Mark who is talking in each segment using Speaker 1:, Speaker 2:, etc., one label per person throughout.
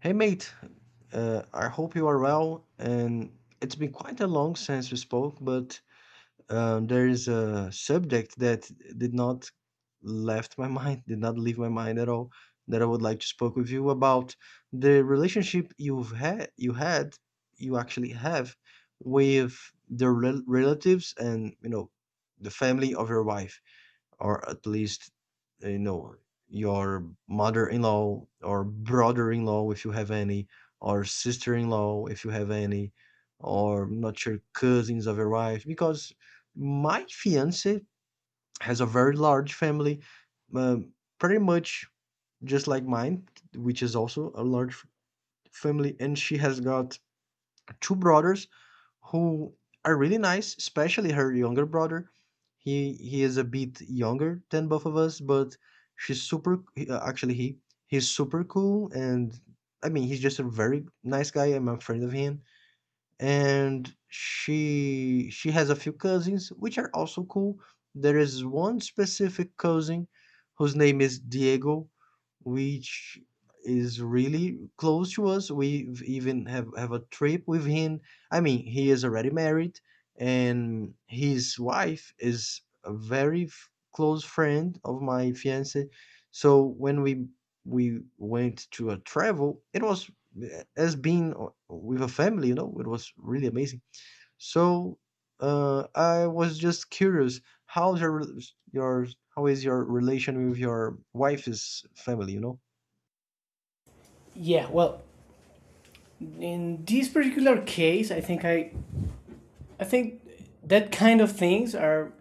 Speaker 1: Hey mate, I hope you are well. And it's been quite a long since we spoke, but there is a subject that did not left my mind, did not leave my mind at all, that I would like to spoke with you about the relationship you've had, you actually have with the relatives and you know the family of your wife, or at least, you know, your mother-in-law or brother-in-law if you have any, or sister-in-law if you have any, or not your cousins of your wife, because my fiance has a very large family, um, pretty much just like mine, which is also a large family. And she has got two brothers who are really nice, especially her younger brother. He is a bit younger than both of us, but actually he's super cool, and I mean, he's just a very nice guy. I'm a friend of him, and she has a few cousins which are also cool. There is one specific cousin whose name is Diego, which is really close to us. We even have a trip with him. I mean, he is already married, and his wife is a very close friend of my fiance. So when we went to a travel, it was as being with a family, you know, it was really amazing. So I was just curious, how's your how is your relation with your wife's family?
Speaker 2: Yeah, well, in this particular case, I think that kind of things are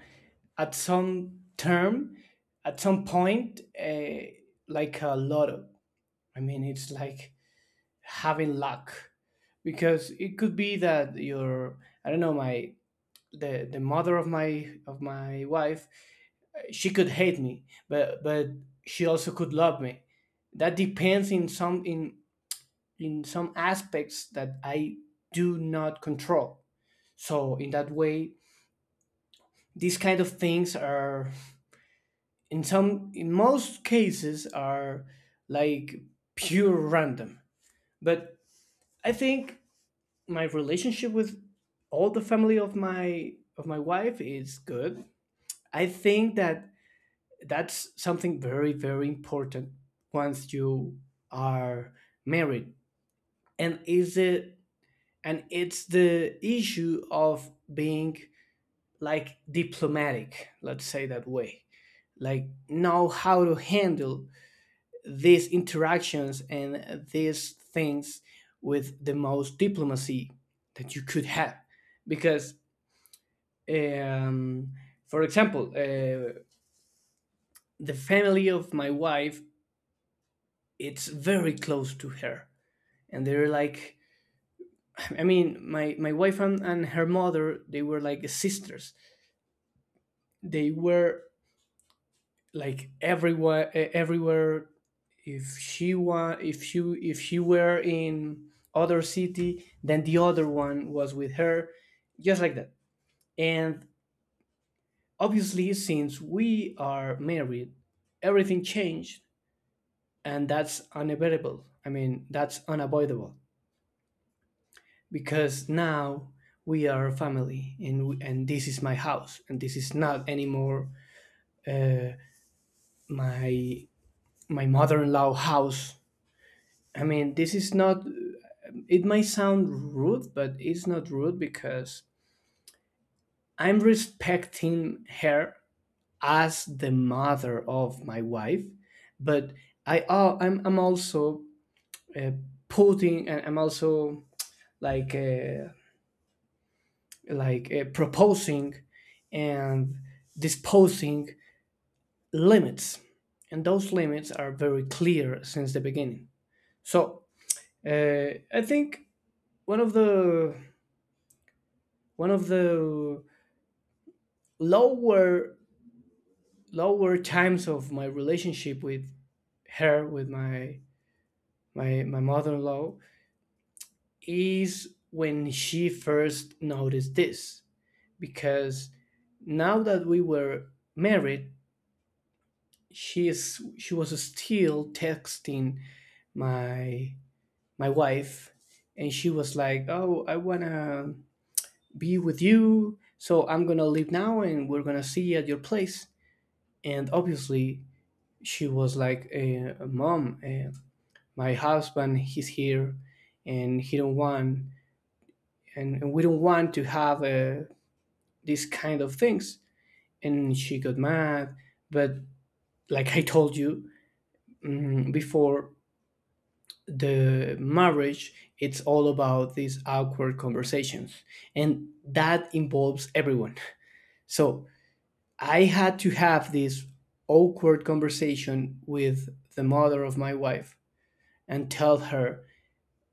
Speaker 2: at some term, at some point, like a lotto. I mean, it's like having luck because it could be that your I don't know my the mother of my wife. She could hate me, but she also could love me. That depends in some aspects that I do not control. So in that way, these kind of things are in most cases are like pure random. But I think my relationship with all the family of my wife is good. I think that that's something very, very important once you are married. And is it and it's the issue of being like diplomatic, let's say that way, like know how to handle these interactions and these things with the most diplomacy that you could have. Because um, for example, the family of my wife, it's very close to her, and they were like, I mean, my wife and her mother, they were like sisters. They were like everywhere, everywhere. If she wa- if she if she were in other city, then the other one was with her, just like that. And obviously, since we are married, everything changed, and that's unavoidable. I mean, that's unavoidable because now we are a family, and this is my house, and this is not anymore my my mother-in-law house. I mean, this is not, it might sound rude, but it's not rude because I'm respecting her as the mother of my wife. But I'm also, uh, putting, and I'm also like proposing and disposing limits, and those limits are very clear since the beginning. So I think one of the one of the lower lower times of my relationship with her, with my mother-in-law, is when she first noticed this. Because now that we were married, she was still texting my my wife, and she was like, "Oh, I wanna be with you, so I'm gonna leave now, and we're gonna see you at your place." And obviously, she was like, "Mom, eh, my husband, he's here, and he don't want, and we don't want to have these kind of things." And she got mad, but like I told you before, the marriage, it's all about these awkward conversations, and that involves everyone. So I had to have this awkward conversation with the mother of my wife and tell her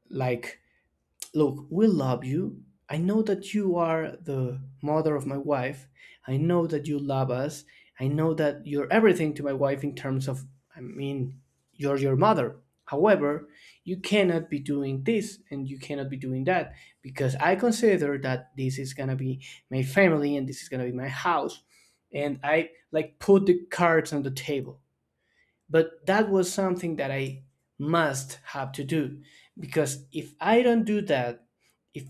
Speaker 2: like, look, we love you. I know that you are the mother of my wife. I know that you love us. I know that you're everything to my wife in terms of, I mean, you're your mother. However, you cannot be doing this, and you cannot be doing that, because I consider that this is going to be my family, and this is going to be my house. And I like put the cards on the table. But that was something that I must have to do, because if I don't do that, if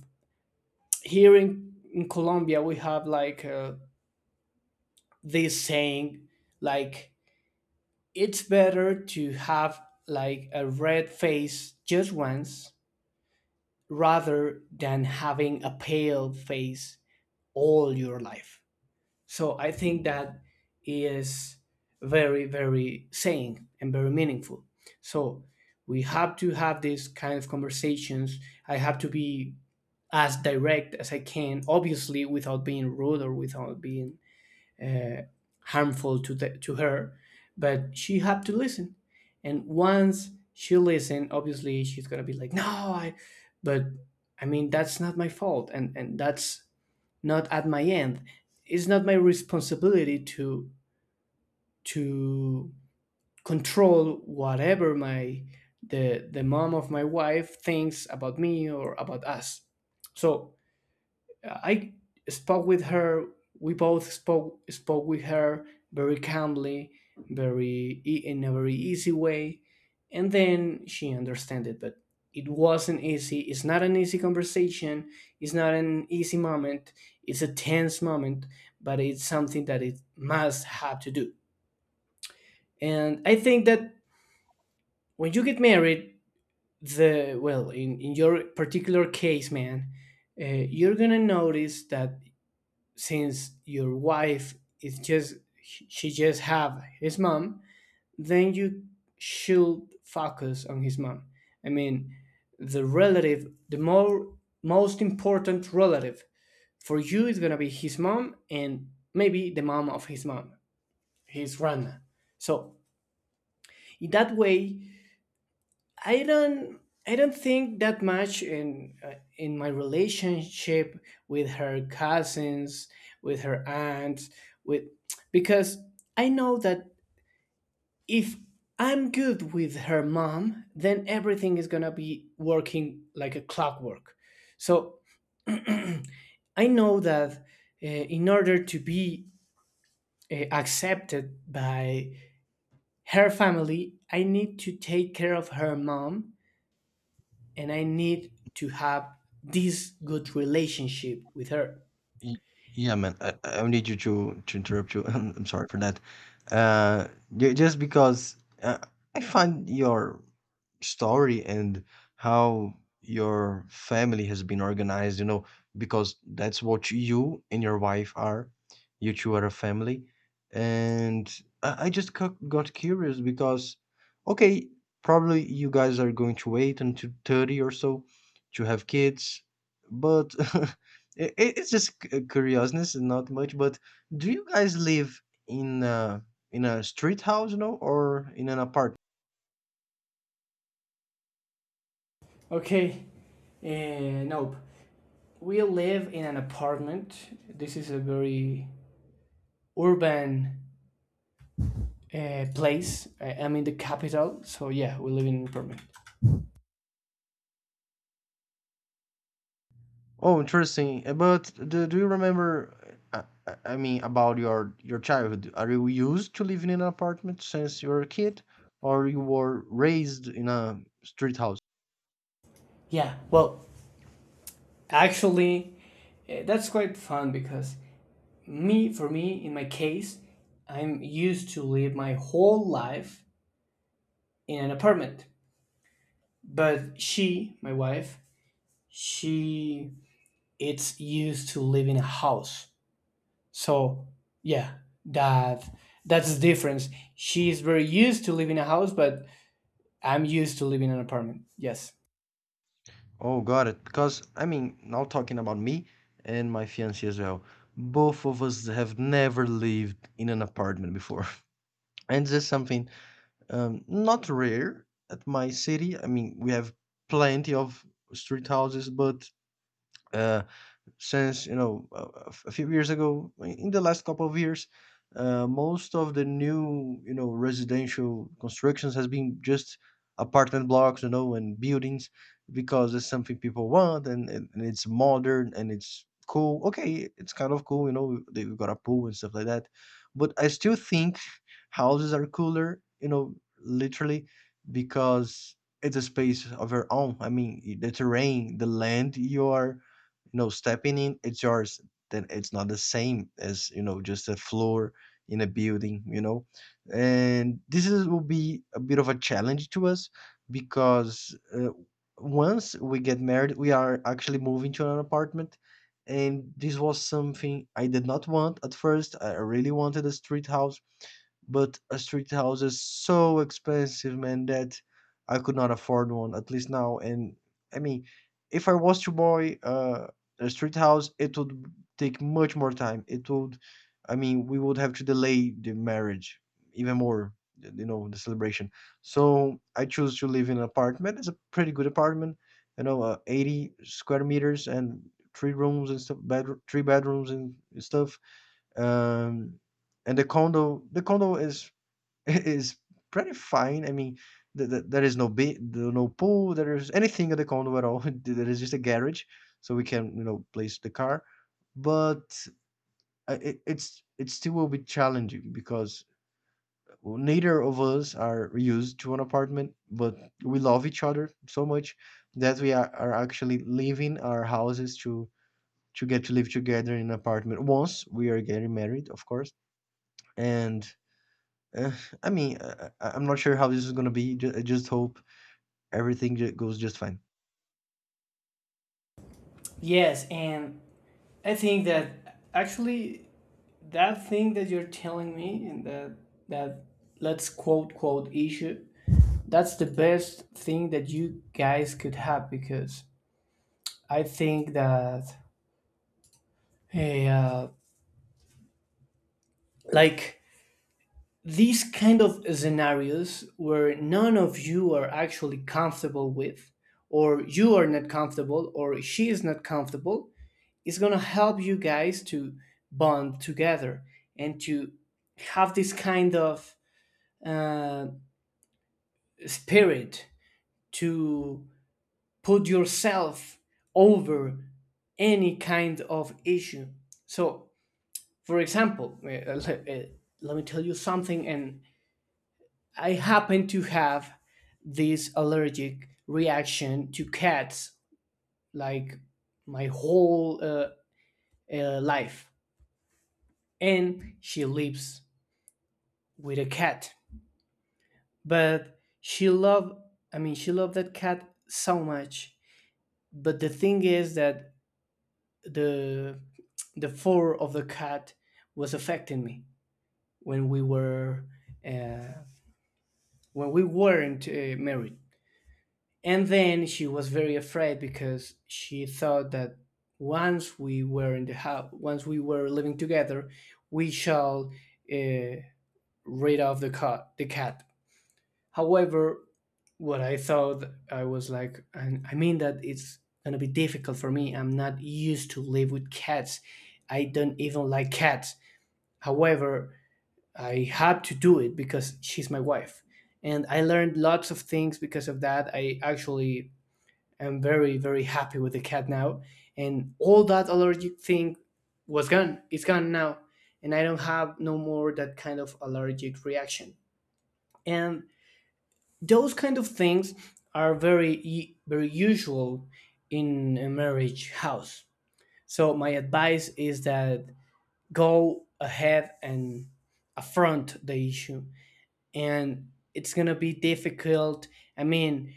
Speaker 2: here in Colombia, we have like this saying, like, it's better to have like a red face just once rather than having a pale face all your life. So I think that is very, very saying and very meaningful. So we have to have these kind of conversations. I have to be as direct as I can, obviously without being rude or without being uh, harmful to to her. But she had to listen, and once she listened, obviously she's gonna be like, "No, I," but I mean, that's not my fault, and that's not at my end. It's not my responsibility to control whatever my the mom of my wife thinks about me or about us. So I spoke with her. We both spoke with her very calmly, in a very easy way, and then she understood it. But it wasn't easy. It's not an easy conversation. It's not an easy moment. It's a tense moment, but it's something that it must have to do. And I think that when you get married, the well, in your particular case, man, uh, you're gonna notice that since your wife is just, she just have his mom, then you should focus on his mom. I mean, the relative, the more most important relative for you is going to be his mom, and maybe the mom of his mom, his grandma. So in that way, I don't I don't think that much in my relationship with her cousins, with her aunt, with, because I know that if I'm good with her mom, then everything is going to be working like a clockwork. So I know that in order to be accepted by her family, I need to take care of her mom, and I need to have this good relationship with her.
Speaker 1: Y- Yeah, man. I need you to interrupt you. I'm sorry for that. Uh, just because uh, I find your story and how your family has been organized, you know, because that's what you and your wife are. You two are a family. And I just got curious because, okay, probably you guys are going to wait until 30 or so to have kids, but it, it's just curiousness and not much. But do you guys live in a, in a street house, you know, or in an apartment?
Speaker 2: Okay, nope. We live in an apartment. This is a very urban place. I'm in the capital, so yeah, we live in an apartment.
Speaker 1: Oh, interesting. But do you remember, I mean, about your childhood? Are you used to living in an apartment since you were a kid, or you were raised in a street house?
Speaker 2: Yeah, well, actually, that's quite fun because for me, in my case, I'm used to live my whole life in an apartment. But she, my wife, she, it's used to live in a house. So yeah, that that's the difference. She's very used to live in a house, but I'm used to living in an apartment. Yes.
Speaker 1: Oh, got it. Because I mean, now talking about me and my fiancée as well. Both of us have never lived in an apartment before. And this is something, not rare at my city. I mean, we have plenty of street houses, but uh, since you know, a few years ago, in the last couple of years, most of the new, you know, residential constructions has been just apartment blocks, you know, and buildings, because it's something people want, and it's modern and it's cool. Okay, it's kind of cool, you know, they've got a pool and stuff like that. But I still think houses are cooler, you know, literally, because it's a space of your own. I mean, the terrain, the land you are, you know, stepping in, it's yours. Then it's not the same as, you know, just a floor in a building, you know. And this is will be a bit of a challenge to us, because once we get married we are actually moving to an apartment. And this was something I did not want at first. I really wanted a street house, but a street house is so expensive, man, that I could not afford one, at least now. And I mean, if I was to buy a street house, it would take much more time. It would, I mean, we would have to delay the marriage even more, you know, the celebration. So I choose to live in an apartment. It's a pretty good apartment, you know, 80 square meters and three rooms and stuff, bedroom, three bedrooms and stuff, um, and the condo is is pretty fine. I mean, th th there is no be no pool, there is anything at the condo at all. There is just a garage, so we can, you know, place the car. But it's it still will be challenging because, well, neither of us are used to an apartment, but we love each other so much that are actually leaving our houses to get to live together in an apartment once we are getting married, of course. And Uh, I mean, I'm not sure how this is gonna be. Just, I just hope everything goes just fine.
Speaker 2: Yes, and I think that actually that thing that you're telling me and that let's quote quote issue, that's the best thing that you guys could have. Because I think that hey, like these kind of scenarios where none of you are actually comfortable with, or you are not comfortable or she is not comfortable, is going to help you guys to bond together and to have this kind of uh, spirit to put yourself over any kind of issue. So for example, let, uh, let me tell you something. And I happen to have this allergic reaction to cats, like my whole life. And she lives with a cat. But she loved, I mean, she loved that cat so much. But the thing is that the the fur of the cat was affecting me when we were uh, when we weren't married. And then she was very afraid because she thought that once we were in the house, once we were living together, we shall uh, rid of the cat. The cat. However, what I thought, I was like, and I mean, that it's gonna be difficult for me. I'm not used to live with cats. I don't even like cats. However, I had to do it because she's my wife, and I learned lots of things because of that. I'm very, very happy with the cat now. And all that allergic thing was gone. It's gone now. And I don't have no more that kind of allergic reaction. And those kind of things are very, very usual in a marriage house. So my advice is that go ahead and affront the issue. And it's going to be difficult. I mean,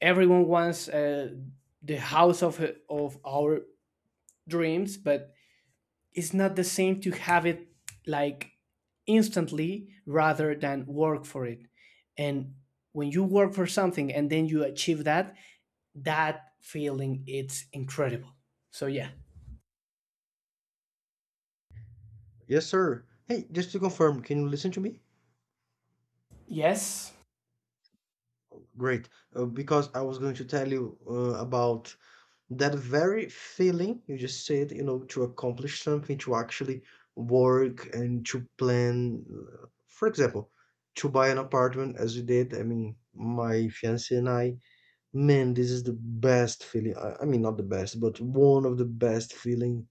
Speaker 2: everyone wants the house of our dreams, but it's not the same to have it like instantly rather than work for it. And when you work for something and then you achieve that, that feeling, it's incredible. So yeah.
Speaker 1: Yes, sir. Hey, just to confirm, can you listen to me?
Speaker 2: Yes.
Speaker 1: Great, because I was going to tell you about that very feeling you just said. You know, to accomplish something, to actually work and to plan. For example, to buy an apartment, as you did. I mean, my fiance and I, man, this is the best feeling. I mean, not the best, but one of the best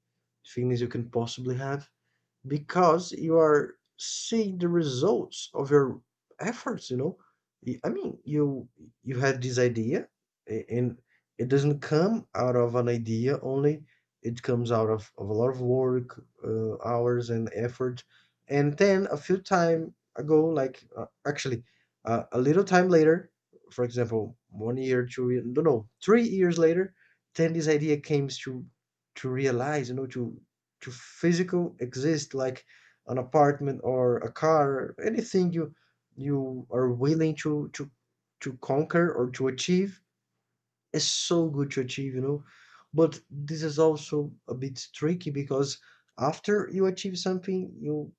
Speaker 1: feelings you can possibly have, because you are seeing the results of your efforts, you know. I mean, you had this idea, and it doesn't come out of an idea only, it comes out of a lot of work, hours and effort. And then a few time ago, like actually, a little time later, for example, 1 year, 2 year, no, 3 years later, then this idea came to realize, you know, to physical exist, like an apartment or a car, anything you are willing to conquer or to achieve, is so good to achieve, you know. But this is also a bit tricky because after you achieve something you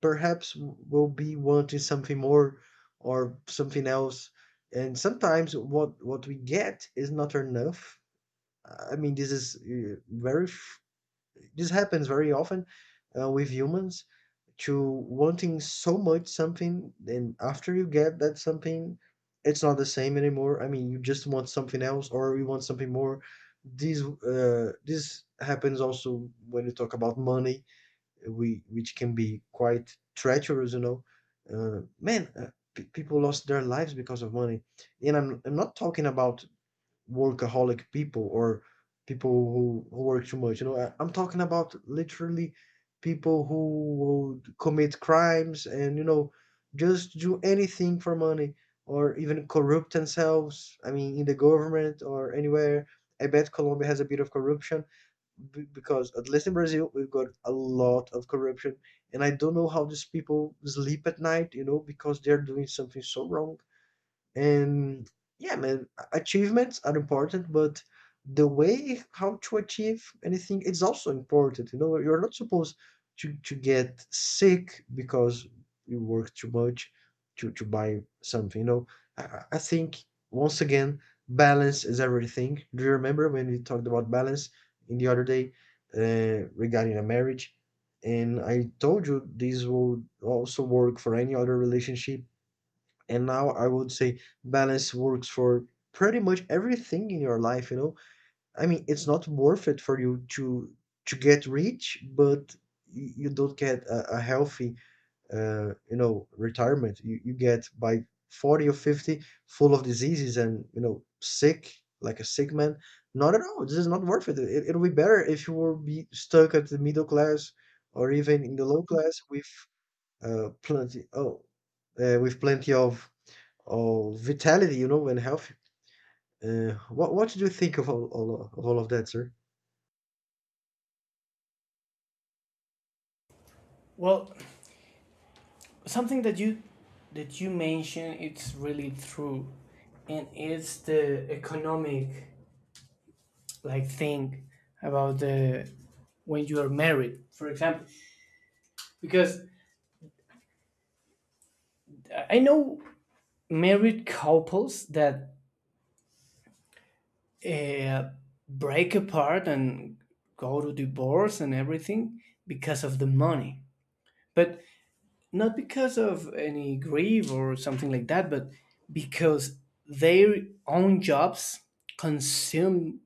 Speaker 1: perhaps will be wanting something more or something else. And sometimes what we get is not enough. I mean, this is this happens very often, with humans, to wanting so much something, and after you get that something, it's not the same anymore. I mean, you just want something else, or you want something more. This happens also when you talk about money, we which can be quite treacherous, you know. Man, pe People lost their lives because of money, and I'm not talking about workaholic people, or people who work too much. You know, I'm talking about literally people who would commit crimes and, you know, just do anything for money, or even corrupt themselves. I mean, in the government or anywhere. I bet Colombia has a bit of corruption, because at least in Brazil we've got a lot of corruption, and I don't know how these people sleep at night. You know, because they're doing something so wrong. And yeah, man, achievements are important, but the way how to achieve anything is also important. You know, you're not supposed to get sick because you work too much to buy something. You know, I think, once again, balance is everything. Do you remember when we talked about balance in the other day regarding a marriage? And I told you this will also work for any other relationship, and now I would say balance works for pretty much everything in your life, you know? I mean, it's not worth it for you to get rich, but you don't get a healthy, you know, retirement. You get by 40 or 50 full of diseases and, you know, sick, like a sick man. Not at all. This is not worth it. It it'll be better if you will be stuck at the middle class, or even in the low class, with uh, plenty, oh, with plenty of, oh, vitality, you know, and health. What did you think of all of that, sir?
Speaker 2: Well, something that you mentioned, it's really true, and it's the economic like thing about the, when you are married, for example. Because I know married couples that uh, break apart and go to divorce and everything because of the money. But not because of any grief or something like that, but because their own jobs consume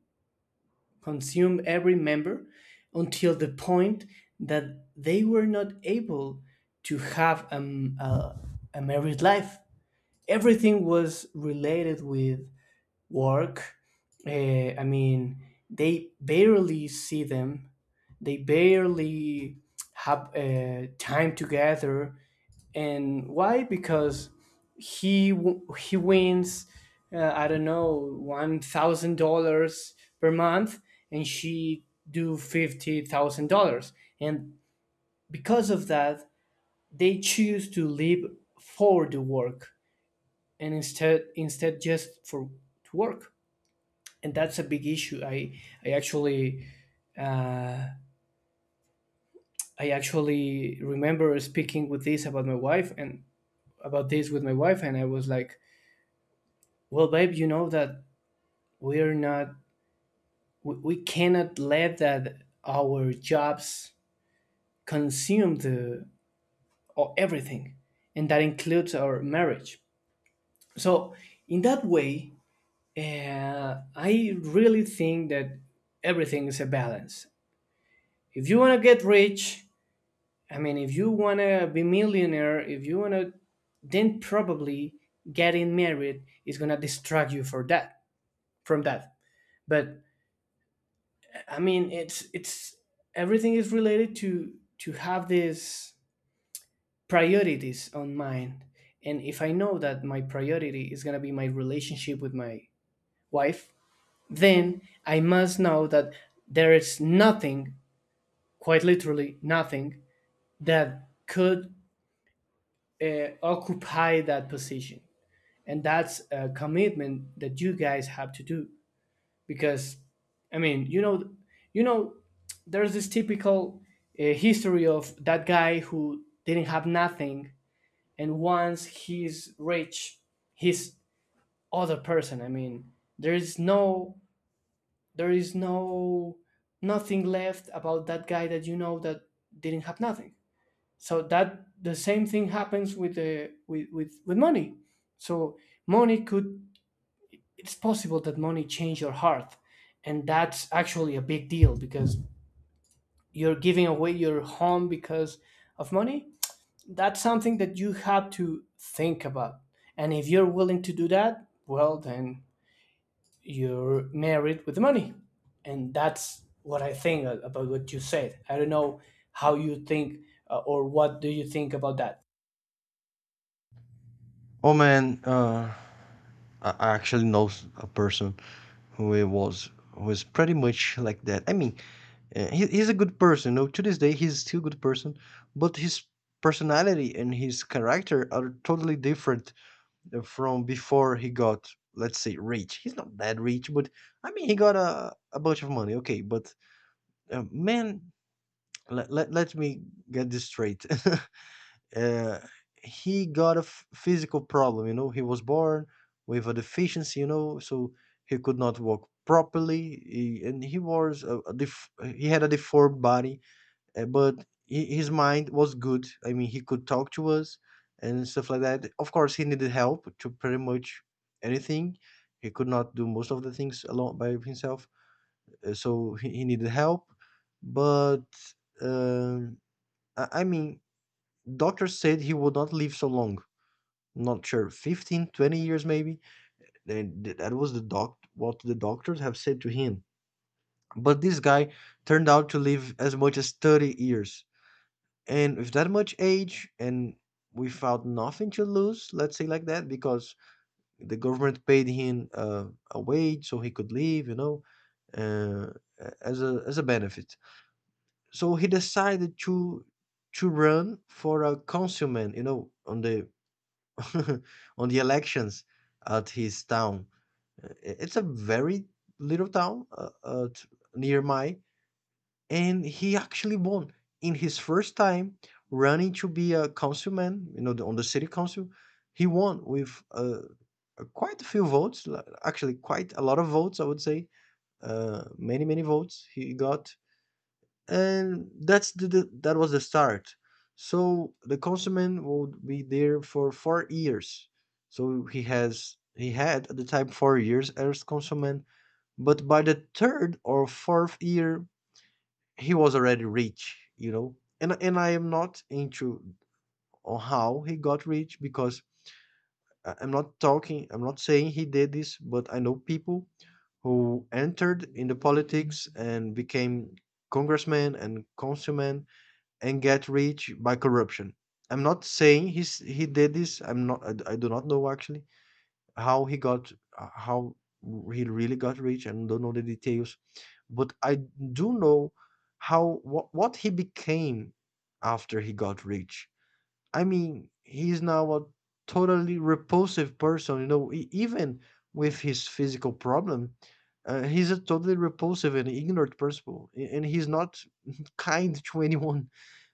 Speaker 2: consume every member until the point that they were not able to have a married life. Everything was related with work. Uh, I mean, they barely see them. They barely have time together. And why? Because he wins. I don't know, $1,000 per month, and she do $50,000. And because of that, they choose to live for the work and instead just for to work, and that's a big issue. I actually uh, I actually remember speaking with this about my wife and about this with my wife, and I was like, "Well, babe, you know that we're not we cannot let that our jobs consume the or everything, and that includes our marriage." So in that way, I really think that everything is a balance. If you want to get rich, I mean, if you wanna be millionaire, if you wanna, then probably getting married is gonna distract you for that from that. But I mean, it's everything is related to have these priorities on mind. And if I know that my priority is gonna be my relationship with my wife, then I must know that there is nothing, quite literally nothing, that could occupy that position. And that's a commitment that you guys have to do. Because I mean, you know, there's this typical history of that guy who didn't have nothing, and once he's rich, he's other person. I mean, there is no there is no nothing left about that guy that, you know, that didn't have nothing. So that the same thing happens with the with money. So money could, it's possible that money changed your heart. And that's actually a big deal because you're giving away your home because of money. That's something that you have to think about. And if you're willing to do that, well, then you're married with the money. And that's what I think a- about what you said. I don't know how you think, or what do you think about that?
Speaker 1: Oh man, I actually know a person who it was who is pretty much like that. I mean, he's a good person. You know, to this day, he's still a good person, but his personality and his character are totally different from before he got, let's say, rich. He's not that rich, but I mean, he got a bunch of money. Okay, but uh, man, let me get this straight. uh, he got a physical problem. You know, he was born with a deficiency, you know, so he could not walk properly. And he was a, he had a deformed body, but his mind was good. I mean, he could talk to us and stuff like that. Of course, he needed help to pretty much anything. He could not do most of the things alone by himself, so he needed help. But um, I mean, doctors said he would not live so long. Not sure, 15, 20 years maybe. And that was the doc what the doctors have said to him. But this guy turned out to live as much as 30 years. And with that much age and without nothing to lose, let's say like that, because the government paid him a wage so he could live, you know, uh, as a benefit. So he decided to run for a councilman, you know, on the on the elections at his town. It's a very little town at, near my, and he actually won in his first time running to be a councilman. You know, on the city council, he won with quite a few votes. Actually, quite a lot of votes, I would say. Many votes he got, and that's the that was the start. So the councilman would be there for 4 years, so he had at the time 4 years as councilman. But by the third or fourth year, he was already rich, you know. And I am not into on how he got rich, because I'm not saying he did this, but I know people who entered in the politics and became congressmen and councilmen and get rich by corruption. I'm not saying he did this. I'm not. I do not know actually how he got, how he really got rich. And don't know the details, but I do know how what he became after he got rich. I mean, he's now a totally repulsive person. You know, even with his physical problem, he's a totally repulsive and ignorant person, and he's not kind to anyone.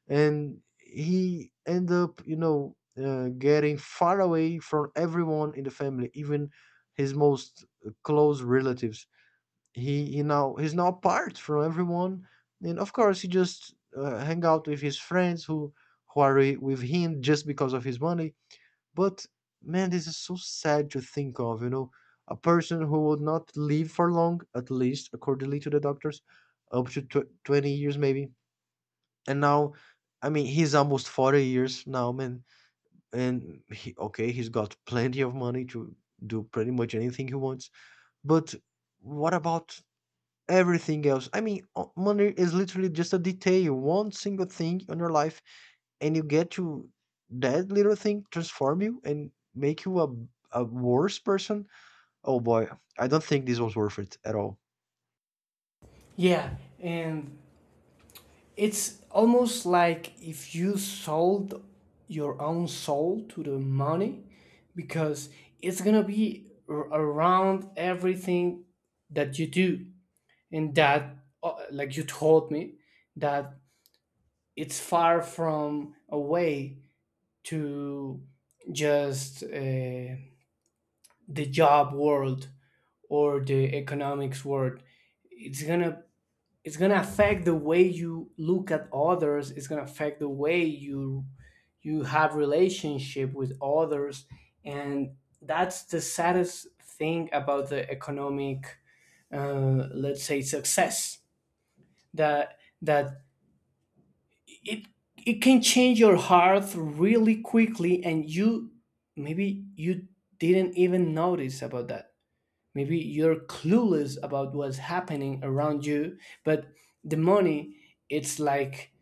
Speaker 1: And he end up, you know, getting far away from everyone in the family, even his most close relatives. He's now apart from everyone. And of course, he just hang out with his friends who are with him just because of his money. But man, this is so sad to think of, you know. A person who would not live for long, at least accordingly to the doctors, up to 20 years maybe, and now, I mean, he's almost 40 years now, man. And he, okay, he's got plenty of money to do pretty much anything he wants. But what about everything else? I mean, money is literally just a detail, one single thing in your life, and you get to that little thing transform you and make you a worse person. Oh boy, I don't think this was worth it at all.
Speaker 2: Yeah. And it's almost like if you sold your own soul to the money, because it's going to be r- around everything that you do. And that, like you told me, that it's far from a way to just the job world or the economics world. It's going to, it's gonna affect the way you look at others. It's gonna affect the way you you have relationship with others. And that's the saddest thing about the economic let's say success, that it it can change your heart really quickly. And you maybe you didn't even notice about that. Maybe you're clueless about what's happening around you. But the money, it's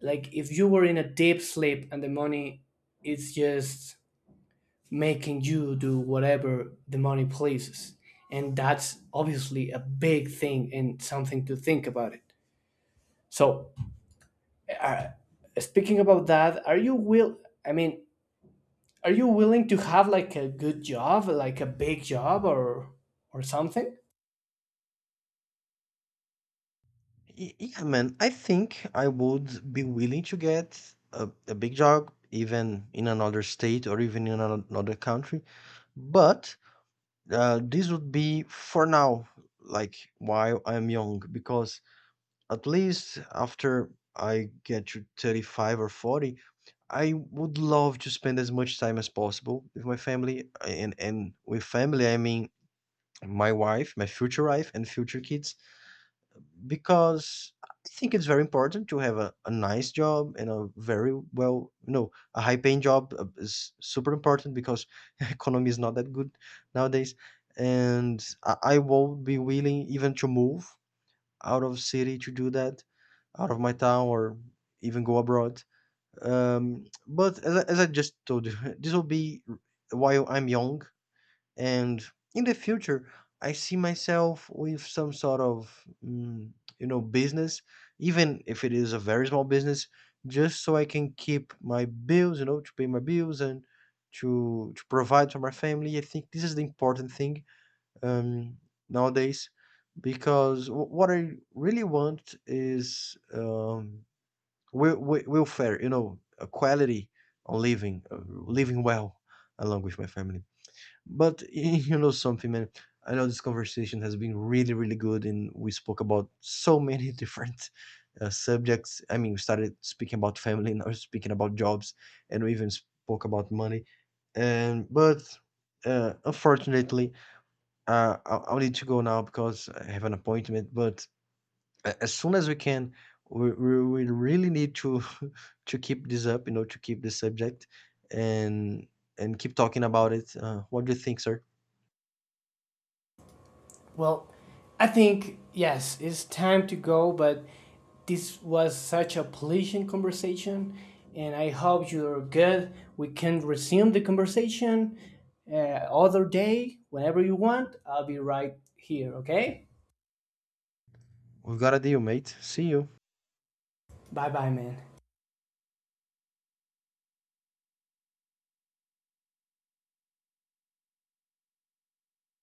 Speaker 2: like if you were in a deep sleep, and the money, it's just making you do whatever the money pleases. And that's obviously a big thing and something to think about it. So, uh, speaking about that, are you will I mean, are you willing to have like a good job, like a big job or something?
Speaker 1: Yeah, man, I think I would be willing to get a big job, even in another state or even in another country. But this would be for now, like while I'm young, because at least after I get to 35 or 40, I would love to spend as much time as possible with my family. And with family, I mean my wife, my future wife, and future kids, because I think it's very important to have a nice job and a very well, no, a high paying job is super important because economy is not that good nowadays. And I will be willing even to move out of city to do that, out of my town, or even go abroad. But as I, just told you, this will be while I'm young, and in the future, I see myself with some sort of you know, business, even if it is a very small business, just so I can keep my bills, you know, to pay my bills and to provide for my family. I think this is the important thing, um, nowadays, because what I really want is welfare, you know, a quality on living, living well along with my family. But you know something, man, I know this conversation has been really, really good, and we spoke about so many different subjects. I mean, we started speaking about family, now we're speaking about jobs, and we even spoke about money. And but unfortunately, I'll need to go now because I have an appointment. But as soon as we can, we really need to to keep this up, you know, to keep this subject and keep talking about it. What do you think, sir?
Speaker 2: Well, I think, yes, it's time to go, but this was such a pleasant conversation, and I hope you're good. We can resume the conversation uh, other day, whenever you want. I'll be right here, okay?
Speaker 1: We've got a deal, mate. See you.
Speaker 2: Bye bye, man.